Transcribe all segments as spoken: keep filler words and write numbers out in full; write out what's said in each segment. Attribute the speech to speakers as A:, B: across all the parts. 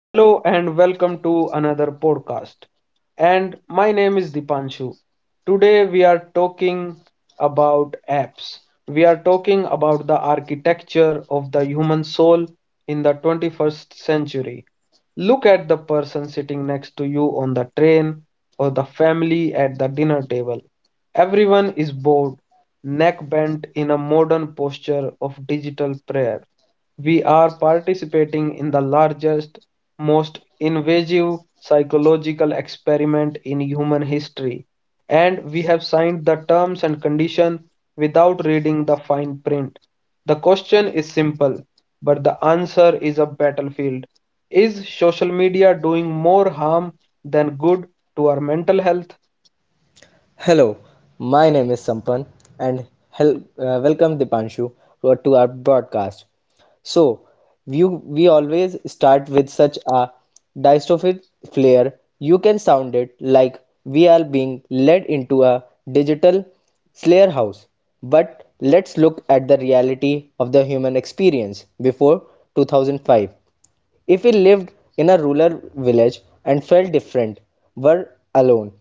A: Hello and welcome to another podcast. And my name is Dipanshu. Today we are talking about apps. We are talking about the architecture of the human soul in the twenty-first century. Look at the person sitting next to you on the train or the family at the dinner table. Everyone is bored, neck bent in a modern posture of digital prayer. We are participating in the largest, most invasive psychological experiment in human history, and we have signed the terms and condition without reading the fine print. The question is simple, but the answer is a battlefield. Is social media doing more harm than good to our mental health?
B: Hello, my name is Sampan and hel- uh, welcome Dipanshu to our, to our broadcast. So, we, we always start with such a dystopian flair. You can sound it like we are being led into a digital slayer house. But let's look at the reality of the human experience before two thousand five. If we lived in a rural village and felt different, were alone,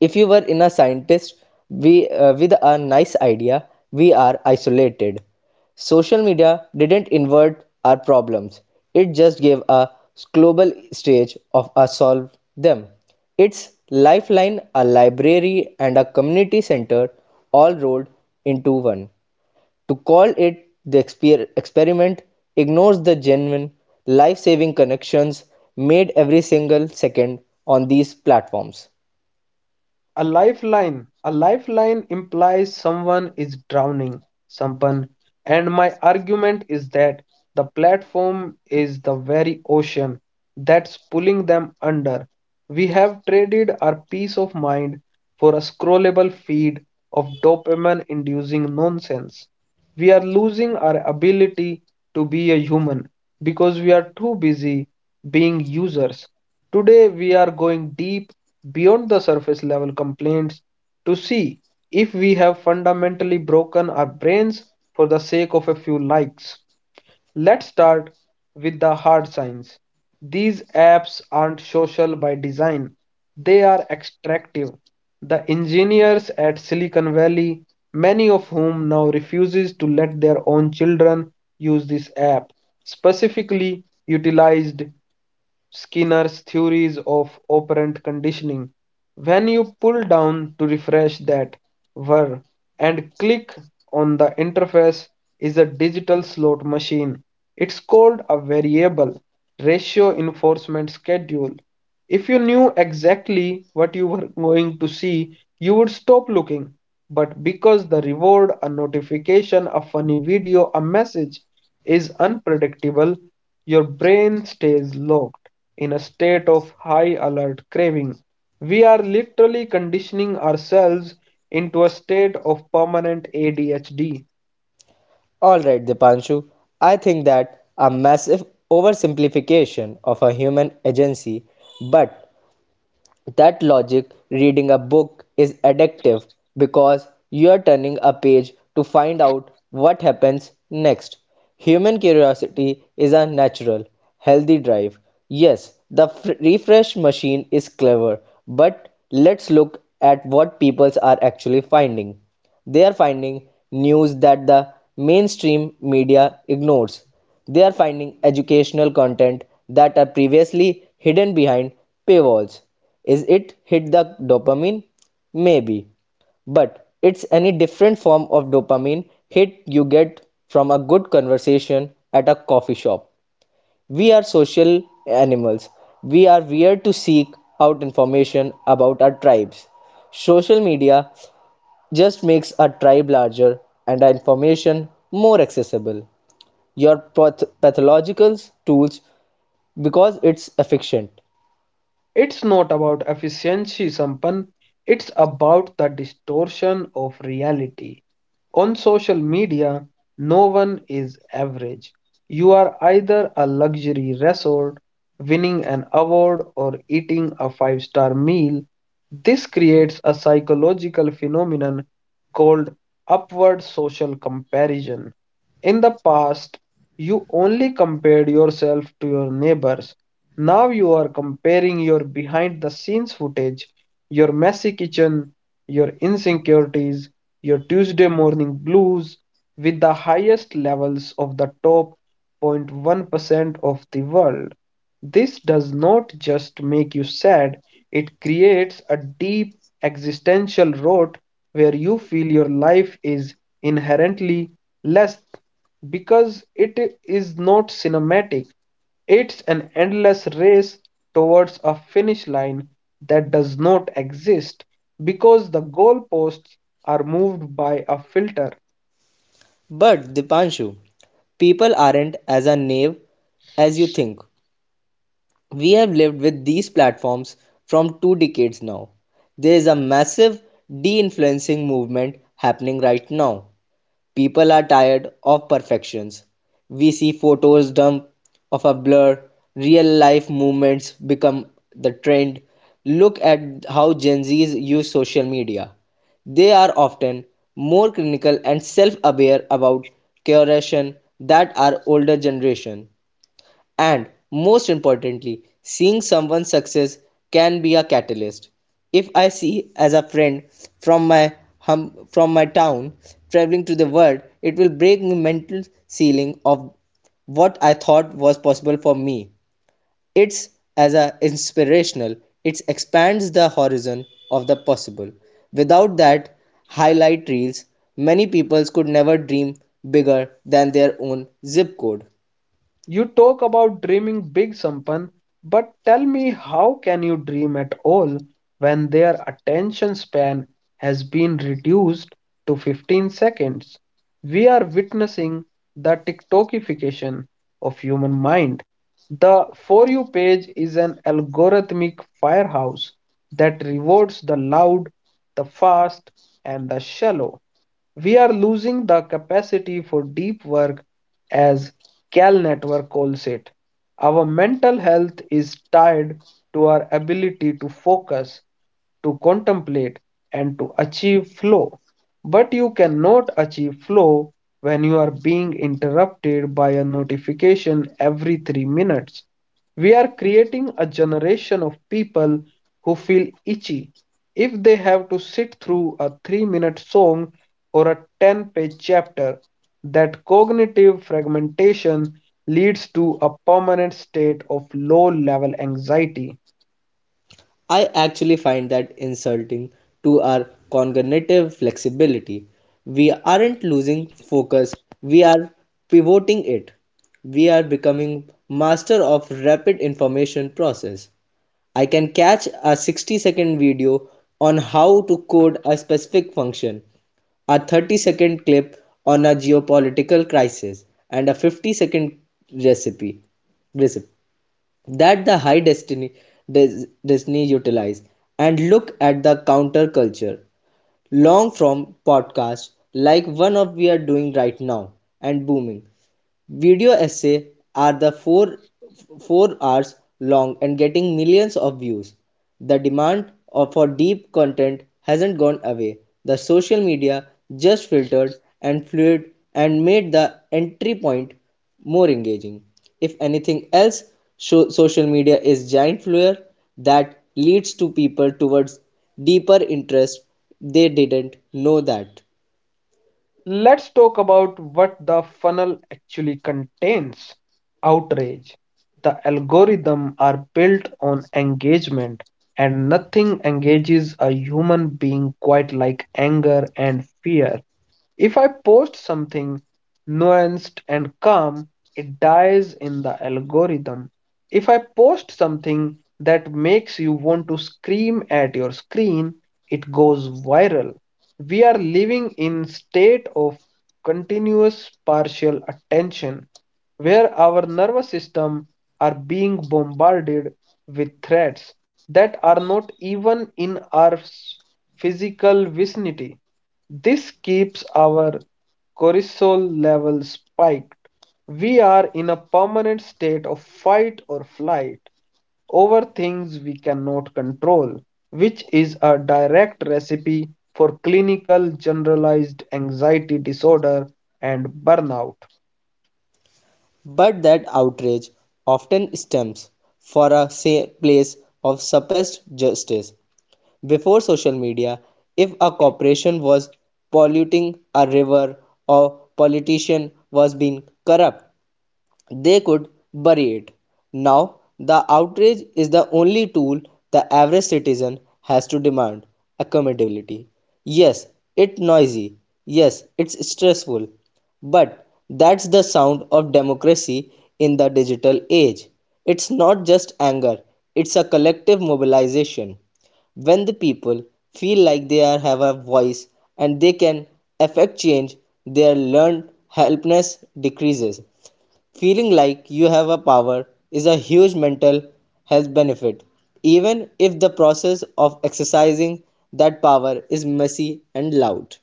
B: if you were in a scientist we, uh, with a nice idea, we are isolated. Social media didn't invert our problems. It just gave a global stage of us solve them. It's lifeline, a library, and a community center all rolled into one. To call it the exper- experiment ignores the genuine life-saving connections made every single second on these platforms.
A: A lifeline. A lifeline implies someone is drowning someone. And my argument is that the platform is the very ocean that's pulling them under. We have traded our peace of mind for a scrollable feed of dopamine inducing nonsense. We are losing our ability to be a human because we are too busy being users. Today, we are going deep beyond the surface level complaints to see if we have fundamentally broken our brains for the sake of a few likes. Let's start with the hard science. These apps aren't social by design, they are extractive. The engineers at Silicon Valley, many of whom now refuses to let their own children use this app, specifically utilized Skinner's theories of operant conditioning. When you pull down to refresh that were and click on the interface is a digital slot machine. It's called a variable ratio enforcement schedule. If you knew exactly what you were going to see, you would stop looking. But because the reward, a notification, a funny video, a message, is unpredictable, your brain stays locked in a state of high alert craving. We are literally conditioning ourselves into a state of permanent A D H D.
B: Alright, Dipanshu, I think that a massive oversimplification of a human agency, but that logic, reading a book is addictive because you're turning a page to find out what happens next. Human curiosity is a natural, healthy drive. Yes, the f- refresh machine is clever, but let's look at what people are actually finding. They are finding news that the mainstream media ignores. They are finding educational content that are previously hidden behind paywalls. Is it hit the dopamine? Maybe. But it's any different form of dopamine hit you get from a good conversation at a coffee shop. We are social animals. We are weird to seek out information about our tribes. Social media just makes our tribe larger and our information more accessible your path- pathological tools because it's efficient.
A: It's not about efficiency, Sampan. It's about the distortion of reality. On social media, no one is average. You are either a luxury resort, winning an award, or eating a five star meal. This creates a psychological phenomenon called upward social comparison. In the past, you only compared yourself to your neighbors. Now you are comparing your behind the scenes footage, your messy kitchen, your insecurities, your Tuesday morning blues with the highest levels of the top zero point one percent of the world. This does not just make you sad, it creates a deep existential rot where you feel your life is inherently less because it is not cinematic. It's an endless race towards a finish line that does not exist because the goalposts are moved by a filter.
B: But Dipanshu, people aren't as a naive as you think. We have lived with these platforms from two decades now. There is a massive de influencing movement happening right now. People are tired of perfections. We see photos dump of a blur, real life movements become the trend. Look at how Gen Zs use social media. They are often more clinical and self aware about curation that our older generation. And most importantly, seeing someone's success can be a catalyst. If I see as a friend from my hum, from my town traveling to the world, it will break my mental ceiling of what I thought was possible for me. It's as a inspirational. It expands the horizon of the possible. Without that highlight reels, many people could never dream bigger than their own zip code.
A: You talk about dreaming big, Sampan, but tell me how can you dream at all when their attention span has been reduced to fifteen seconds? We are witnessing the TikTokification of human mind. The For You page is an algorithmic firehouse that rewards the loud, the fast, and the shallow. We are losing the capacity for deep work, as Cal Network calls it. Our mental health is tied to our ability to focus, to contemplate, and to achieve flow. But you cannot achieve flow when you are being interrupted by a notification every three minutes. We are creating a generation of people who feel itchy if they have to sit through a three minute song or a ten page chapter. That cognitive fragmentation leads to a permanent state of low level anxiety.
B: I actually find that insulting to our cognitive flexibility. We aren't losing focus, we are pivoting it. We are becoming master of rapid information process. I can catch a sixty second video on how to code a specific function, a thirty second clip on a geopolitical crisis, and a fifty second recipe. recipe that the high destiny des- destiny utilize and look at the counterculture long form podcasts like one of we are doing right now and booming. Video essays are the four four hours long and getting millions of views. The demand for deep content hasn't gone away. The social media just filtered and fluid and made the entry point more engaging. If anything else, so- social media is giant lure that leads to people towards deeper interests they didn't know that.
A: Let's talk about what the funnel actually contains. Outrage. The algorithms are built on engagement, and nothing engages a human being quite like anger and fear. If I post something nuanced and calm, it dies in the algorithm. If I post something that makes you want to scream at your screen, it goes viral. We are living in a state of continuous partial attention where our nervous system are being bombarded with threats that are not even in our physical vicinity. This keeps our cortisol levels spiked. We are in a permanent state of fight or flight over things we cannot control, which is a direct recipe for clinical generalized anxiety disorder and burnout.
B: But that outrage often stems from a place of suppressed justice. Before social media, if a corporation was polluting a river, or politician was being corrupt. They could bury it. Now the outrage is the only tool the average citizen has to demand accountability. Yes, it's noisy. Yes, it's stressful. But that's the sound of democracy in the digital age. It's not just anger, it's a collective mobilization. When the people feel like they are, have a voice and they can affect change, their learned helplessness decreases. Feeling like you have a power is a huge mental health benefit, even if the process of exercising that power is messy and loud.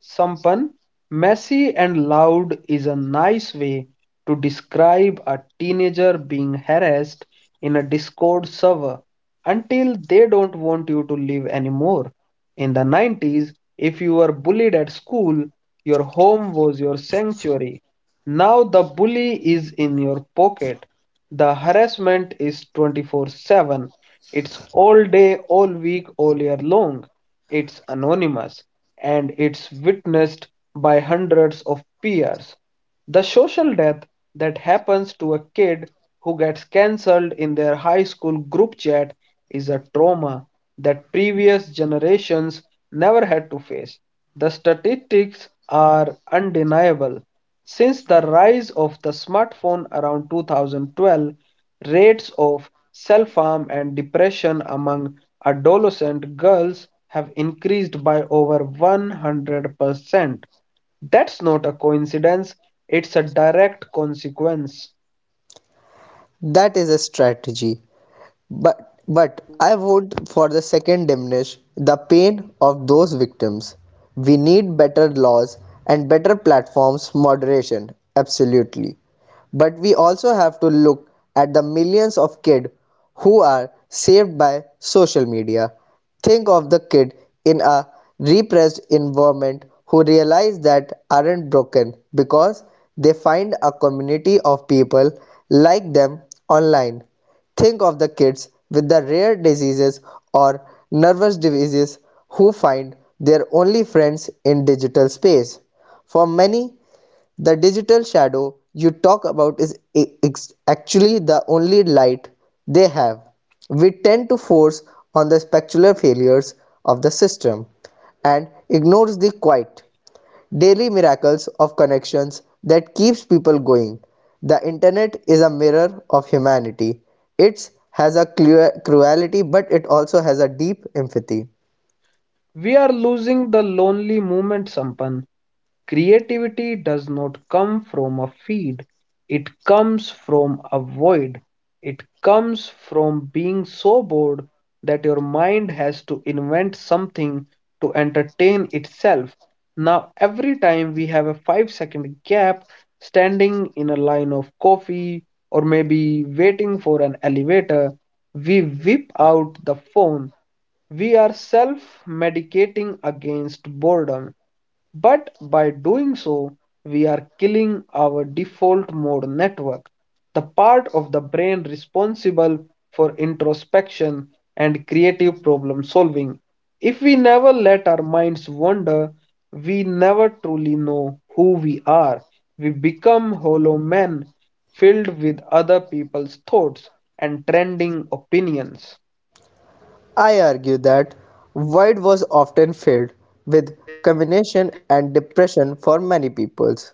A: Sampan, messy and loud is a nice way to describe a teenager being harassed in a Discord server until they don't want you to live anymore. In the nineties, if you were bullied at school, your home was your sanctuary. Now the bully is in your pocket. The harassment is twenty-four seven. It's all day, all week, all year long. It's anonymous and it's witnessed by hundreds of peers. The social death that happens to a kid who gets cancelled in their high school group chat is a trauma that previous generations never had to face. The statistics are undeniable. Since the rise of the smartphone around two thousand twelve, rates of self harm and depression among adolescent girls have increased by over one hundred percent. That's not a coincidence, it's a direct consequence.
B: That is a strategy. But but I would for the second diminish the pain of those victims. We need better laws and better platforms moderation, absolutely. But we also have to look at the millions of kids who are saved by social media. Think of the kid in a repressed environment who realize that aren't broken because they find a community of people like them online. Think of the kids with the rare diseases or nervous diseases who find their only friends in digital space. For many, the digital shadow you talk about is actually the only light they have. We tend to force on the spectacular failures of the system and ignores the quiet daily miracles of connections that keeps people going. The internet is a mirror of humanity. It has a cruelty, but it also has a deep empathy.
A: We are losing the lonely movement, Sampan. Creativity does not come from a feed, it comes from a void. It comes from being so bored that your mind has to invent something to entertain itself. Now, every time we have a five second gap standing in a line of coffee or maybe waiting for an elevator, we whip out the phone. We are self medicating against boredom, but by doing so, we are killing our default mode network, the part of the brain responsible for introspection and creative problem solving. If we never let our minds wander, we never truly know who we are. We become hollow men filled with other people's thoughts and trending opinions.
B: I argue that void was often filled with combination and depression for many peoples.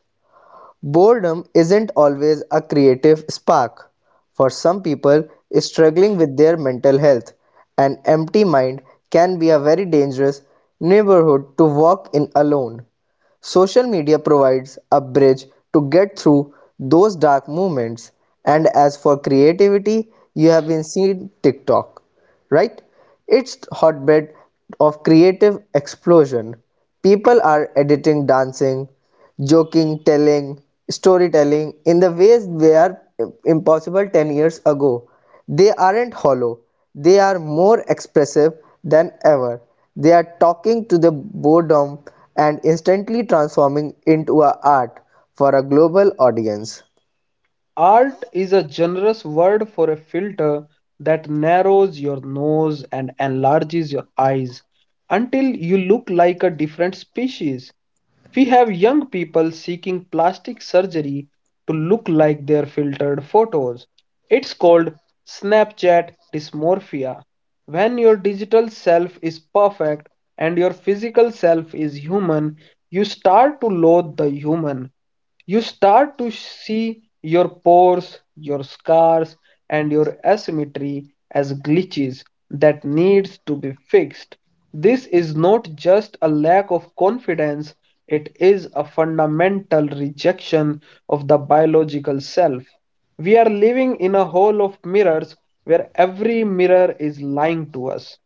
B: Boredom isn't always a creative spark. For some people struggling with their mental health, an empty mind can be a very dangerous neighborhood to walk in alone. Social media provides a bridge to get through those dark moments. And as for creativity, you have been seeing TikTok, right? It's hotbed of creative explosion. People are editing, dancing, joking, telling, storytelling in the ways they are impossible ten years ago. They aren't hollow, they are more expressive than ever. They are talking to the boredom and instantly transforming into a art for a global audience.
A: Art is a generous word for a filter that narrows your nose and enlarges your eyes until you look like a different species. We have young people seeking plastic surgery to look like their filtered photos. It's called Snapchat dysmorphia. When your digital self is perfect and your physical self is human, you start to loathe the human. You start to see your pores, your scars, and your asymmetry as glitches that needs to be fixed. This is not just a lack of confidence, it is a fundamental rejection of the biological self. We are living in a hall of mirrors where every mirror is lying to us.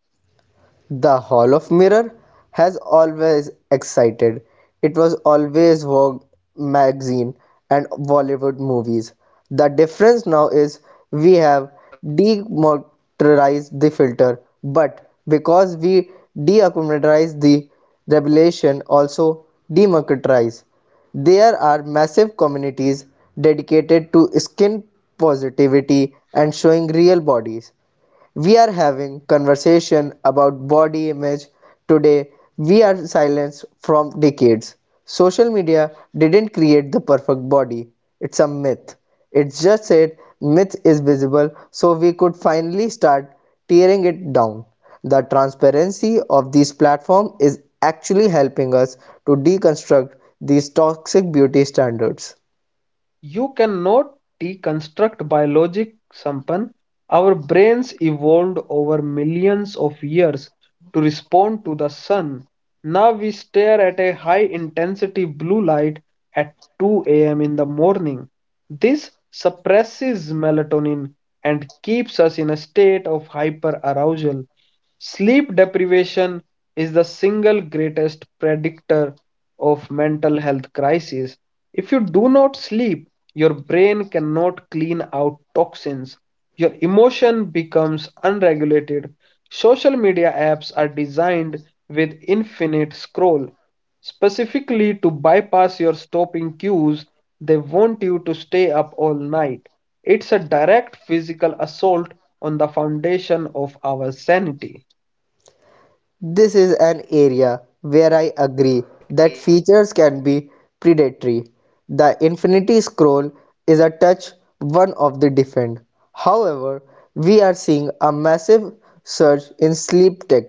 B: The Hall of Mirror has always excited. It was always Vogue magazine and Bollywood movies. The difference now is we have demotorized the filter, but because we deaccumulatize the revelation also democratize. There are massive communities dedicated to skin positivity and showing real bodies. We are having conversation about body image today. We are silenced from decades. Social media didn't create the perfect body. It's a myth. It just said myth is visible so we could finally start tearing it down. The transparency of these platforms is actually helping us to deconstruct these toxic beauty standards.
A: You cannot deconstruct biologic, Sampan. Our brains evolved over millions of years to respond to the sun. Now we stare at a high intensity blue light at two a m in the morning. This suppresses melatonin and keeps us in a state of hyperarousal. Sleep deprivation is the single greatest predictor of mental health crisis. If you do not sleep, your brain cannot clean out toxins. Your emotion becomes unregulated. Social media apps are designed with infinite scroll, specifically to bypass your stopping cues. They want you to stay up all night. It's a direct physical assault on the foundation of our sanity.
B: This is an area where I agree that features can be predatory. The Infinity Scroll is a touch one of the different. However, we are seeing a massive surge in sleep tech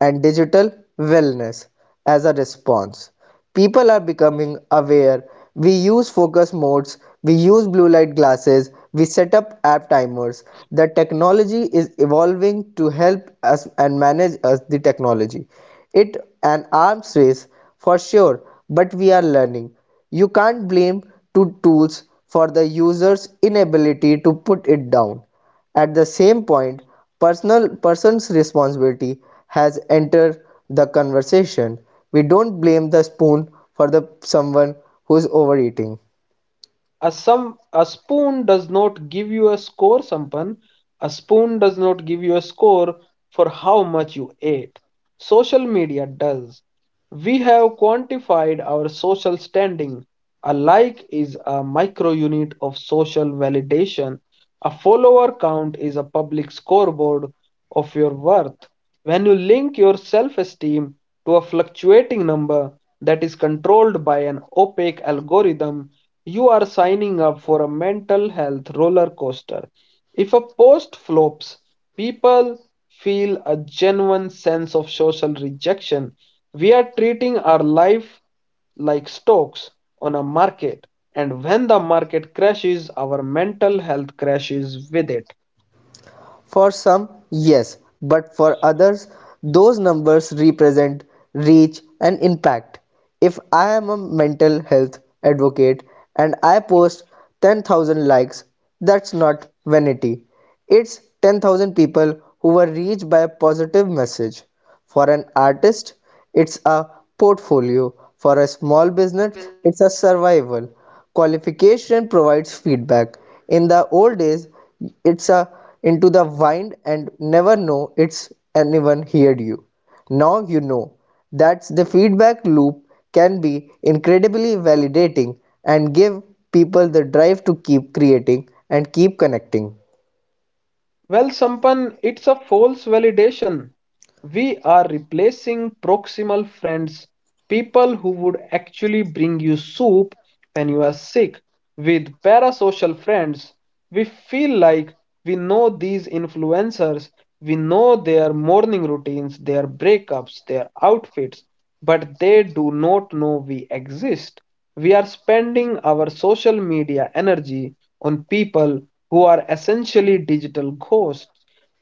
B: and digital wellness as a response. People are becoming aware. We use focus modes, we use blue light glasses, we set up app timers. The technology is evolving to help us and manage us the technology. It an arms race for sure, but we are learning. You can't blame two tools for the user's inability to put it down. At the same point, personal person's responsibility has entered the conversation. We don't blame the spoon for the someone who's overeating.
A: A some a spoon does not give you a score, Sampan. A spoon does not give you a score for how much you ate. Social media does. We have quantified our social standing. A like is a micro unit of social validation. A follower count is a public scoreboard of your worth. When you link your self esteem to a fluctuating number that is controlled by an opaque algorithm, you are signing up for a mental health roller coaster. If a post flops, people feel a genuine sense of social rejection. We are treating our life like stocks on a market, and when the market crashes, our mental health crashes with it.
B: For some, yes, but for others, those numbers represent reach and impact. If I am a mental health advocate and I post ten thousand likes, that's not vanity. It's ten thousand people who were reached by a positive message. For an artist, it's a portfolio. For a small business, it's a survival qualification provides feedback in the old days. It's a into the wind and never know it's anyone heard you now you know that's the feedback loop can be incredibly validating and give people the drive to keep creating and keep connecting.
A: Well, Sampan, it's a false validation. We are replacing proximal friends, people who would actually bring you soup when you are sick, with parasocial friends. We feel like we know these influencers, we know their morning routines, their breakups, their outfits, but they do not know we exist. We are spending our social media energy on people who are essentially digital ghosts.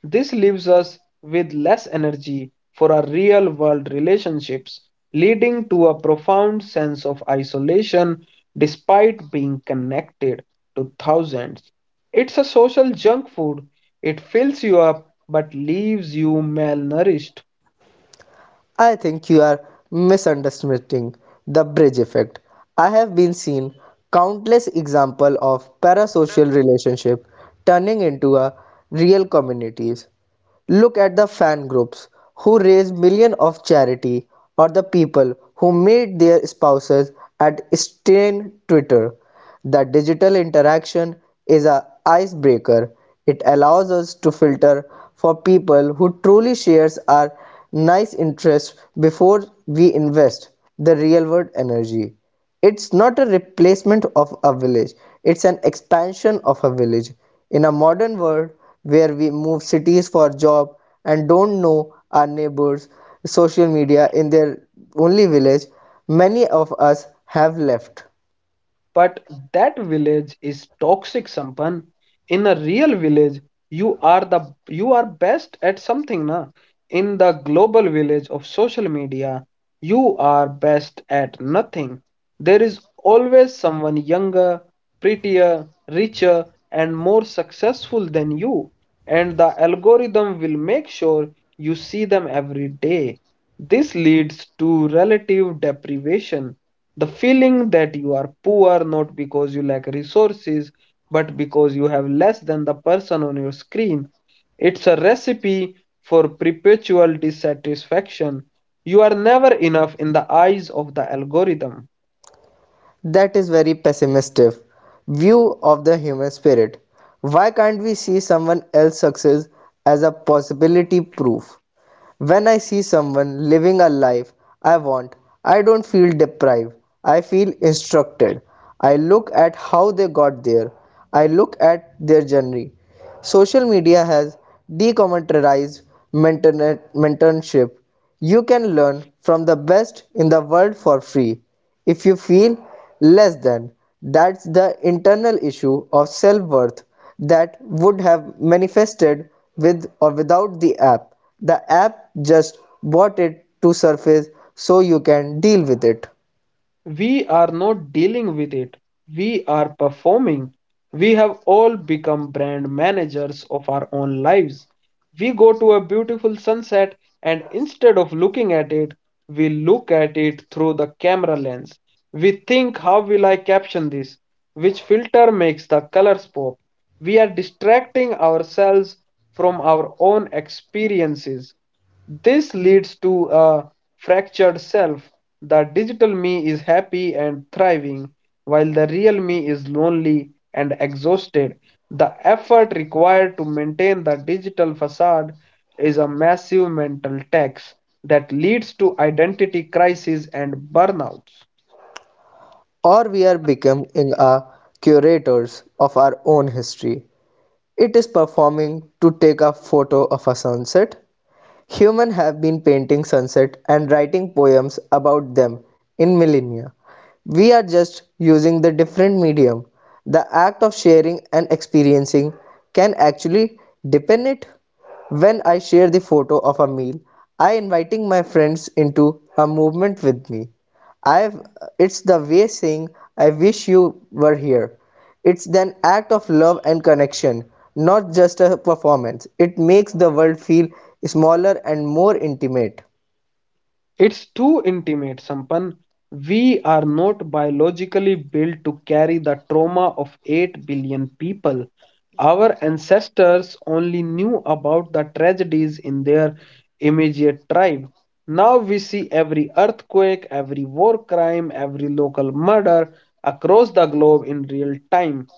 A: This leaves us with less energy for our real world relationships, leading to a profound sense of isolation despite being connected to thousands. It's a social junk food. It fills you up but leaves you malnourished.
B: I think you are misunderstanding the bridge effect. I have been seen countless examples of parasocial relationship turning into a real communities. Look at the fan groups who raise millions of charity or the people who meet their spouses at Strain Twitter. The digital interaction is a icebreaker. It allows us to filter for people who truly shares our nice interests before we invest the real world energy. It's not a replacement of a village, it's an expansion of a village. In a modern world where we move cities for job and don't know our neighbors, social media in their only village, many of us have left.
A: But that village is toxic, Sampan. In a real village, you are the you are best at something, na? In the global village of social media, you are best at nothing. There is always someone younger, prettier, richer, and more successful than you, and the algorithm will make sure you see them every day. This leads to relative deprivation. The feeling that you are poor not because you lack resources, but because you have less than the person on your screen. It's a recipe for perpetual dissatisfaction. You are never enough in the eyes of the algorithm.
B: That is very pessimistic view of the human spirit. Why can't we see someone else's success as a possibility proof? When I see someone living a life I want, I don't feel deprived. I feel instructed. I look at how they got there. I look at their journey. Social media has decommercialized mentorship. You can learn from the best in the world for free. If you feel less than, that's the internal issue of self worth that would have manifested with or without the app. The app just brought it to surface so you can deal with it.
A: We are not dealing with it. We are performing. We have all become brand managers of our own lives. We go to a beautiful sunset and instead of looking at it, we look at it through the camera lens. We think, how will I caption this? Which filter makes the colors pop? We are distracting ourselves from our own experiences. This leads to a fractured self. The digital me is happy and thriving, while the real me is lonely and exhausted. The effort required to maintain the digital facade is a massive mental tax that leads to identity crisis and burnouts.
B: Or we are becoming a curators of our own history. It is performing to take a photo of a sunset. Humans have been painting sunsets and writing poems about them in millennia. We are just using the different medium. The act of sharing and experiencing can actually deepen it. When I share the photo of a meal, I am inviting my friends into a movement with me. I've It's the way saying I wish you were here. It's an act of love and connection, not just a performance. It makes the world feel smaller and more intimate.
A: It's too intimate, Sampan. We are not biologically built to carry the trauma of eight billion people. Our ancestors only knew about the tragedies in their immediate tribe. Now we see every earthquake, every war crime, every local murder across the globe in real time.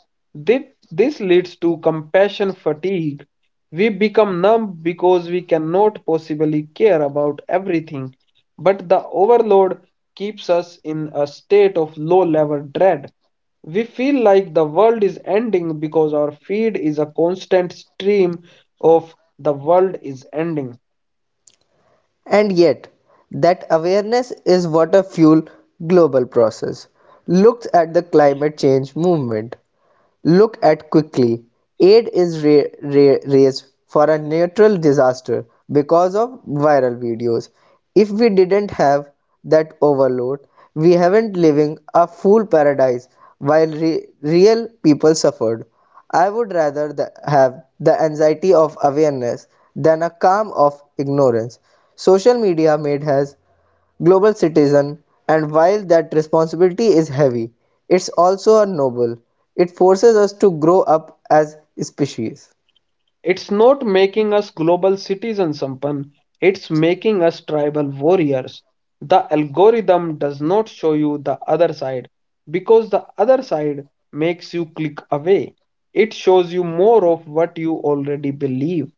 A: Thi- This leads to compassion fatigue. We become numb because we cannot possibly care about everything. But the overload keeps us in a state of low level dread. We feel like the world is ending because our feed is a constant stream of the world is ending.
B: And yet, that awareness is what a fuel global process. Look at the climate change movement. Look at quickly. Aid is ra- ra- raised for a natural disaster because of viral videos. If we didn't have that overload, we haven't living a fool paradise while re- real people suffered. I would rather the, have the anxiety of awareness than a calm of ignorance. Social media made us global citizen, and while that responsibility is heavy, it's also a noble. It forces us to grow up as species.
A: It's not making us global citizens, Sampan. It's making us tribal warriors. The algorithm does not show you the other side because the other side makes you click away. It shows you more of what you already believe,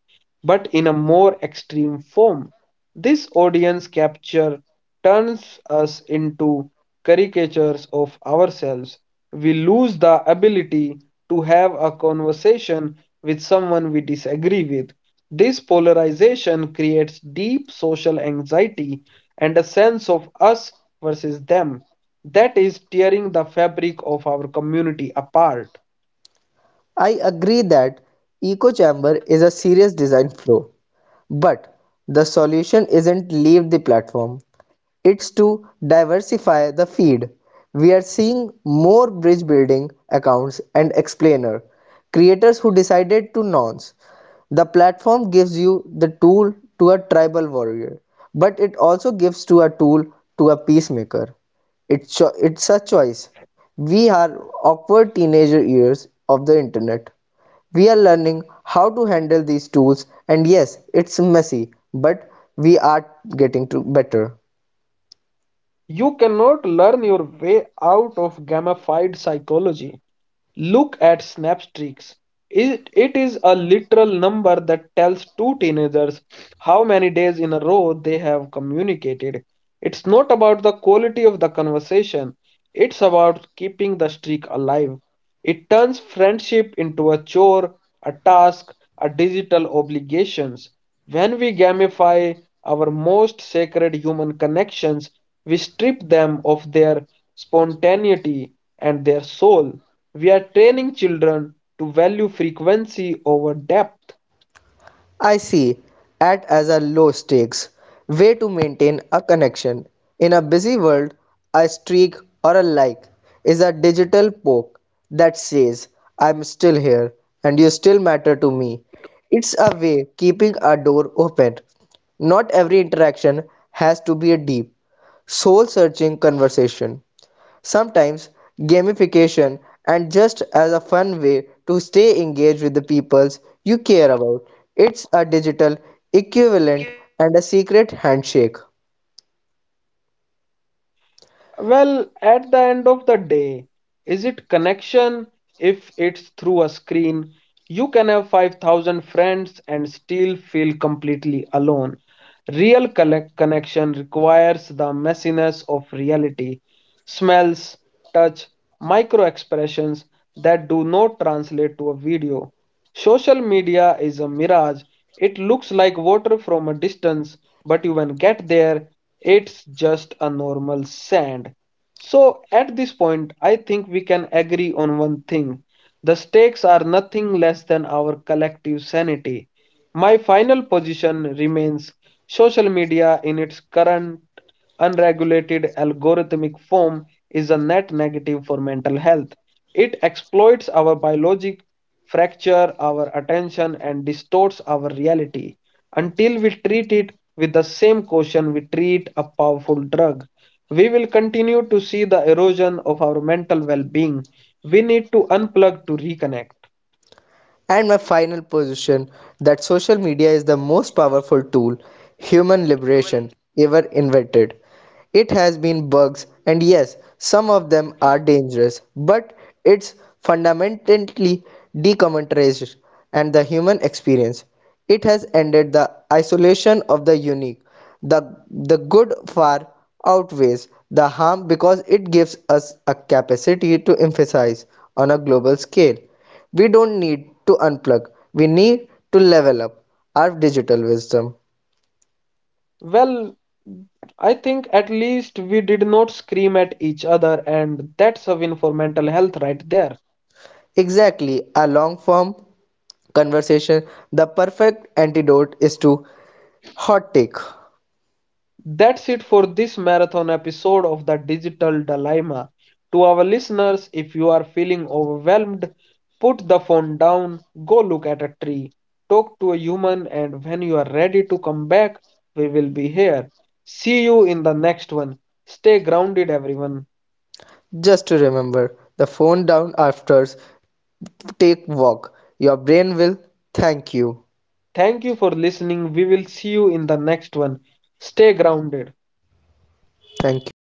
A: but in a more extreme form. This audience capture turns us into caricatures of ourselves. We lose the ability to have a conversation with someone we disagree with. This polarization creates deep social anxiety and a sense of us versus them that is tearing the fabric of our community apart.
B: I agree that echo chamber is a serious design flaw, but the solution isn't leave the platform. It's to diversify the feed. We are seeing more bridge building accounts and explainer creators who decided to nonce. The platform gives you the tool to a tribal warrior, but it also gives to a tool to a peacemaker. It's cho- it's a choice. We are awkward teenager years of the internet. We are learning how to handle these tools and yes, it's messy, but we are getting to better.
A: You cannot learn your way out of gamified psychology. Look at Snapstreaks. It, it is a literal number that tells two teenagers how many days in a row they have communicated. It's not about the quality of the conversation, it's about keeping the streak alive. It turns friendship into a chore, a task, a digital obligations. When we gamify our most sacred human connections, we strip them of their spontaneity and their soul. We are training children to value frequency over depth.
B: I see it as a low stakes way to maintain a connection. In a busy world, a streak or a like is a digital poke that says, I'm still here and you still matter to me. It's a way keeping a door open. Not every interaction has to be a deep, soul searching conversation. Sometimes gamification and just as a fun way to stay engaged with the peoples you care about. It's a digital equivalent and a secret handshake.
A: Well, at the end of the day, is it connection? If it's through a screen, you can have five thousand friends and still feel completely alone. Real collect connection requires the messiness of reality, smells, touch, micro expressions that do not translate to a video. Social media is a mirage. It looks like water from a distance, but you when get there, it's just a normal sand. So at this point, I think we can agree on one thing. The stakes are nothing less than our collective sanity. My final position remains social media in its current unregulated algorithmic form is a net negative for mental health. It exploits our biologic fracture our attention and distorts our reality until we treat it with the same caution we treat a powerful drug. We will continue to see the erosion of our mental well being. We need to unplug to reconnect.
B: And my final position that social media is the most powerful tool human liberation ever invented. It has been bugs, and yes, some of them are dangerous, but it's fundamentally decommoditized and the human experience. It has ended the isolation of the unique. The, the good far outweighs the harm because it gives us a capacity to emphasize on a global scale. We don't need to unplug, we need to level up our digital wisdom.
A: Well, I think at least we did not scream at each other, and that's a win for mental health right there.
B: Exactly, a long form conversation, the perfect antidote is to hot take.
A: That's it for this marathon episode of the Digital Dilemma. To our listeners, if you are feeling overwhelmed, put the phone down, go look at a tree, talk to a human, and when you are ready to come back, we will be here. See you in the next one. Stay grounded, everyone.
B: Just to remember, the phone down after take walk. Your brain will thank you.
A: Thank you for listening. We will see you in the next one. Stay grounded.
B: Thank you.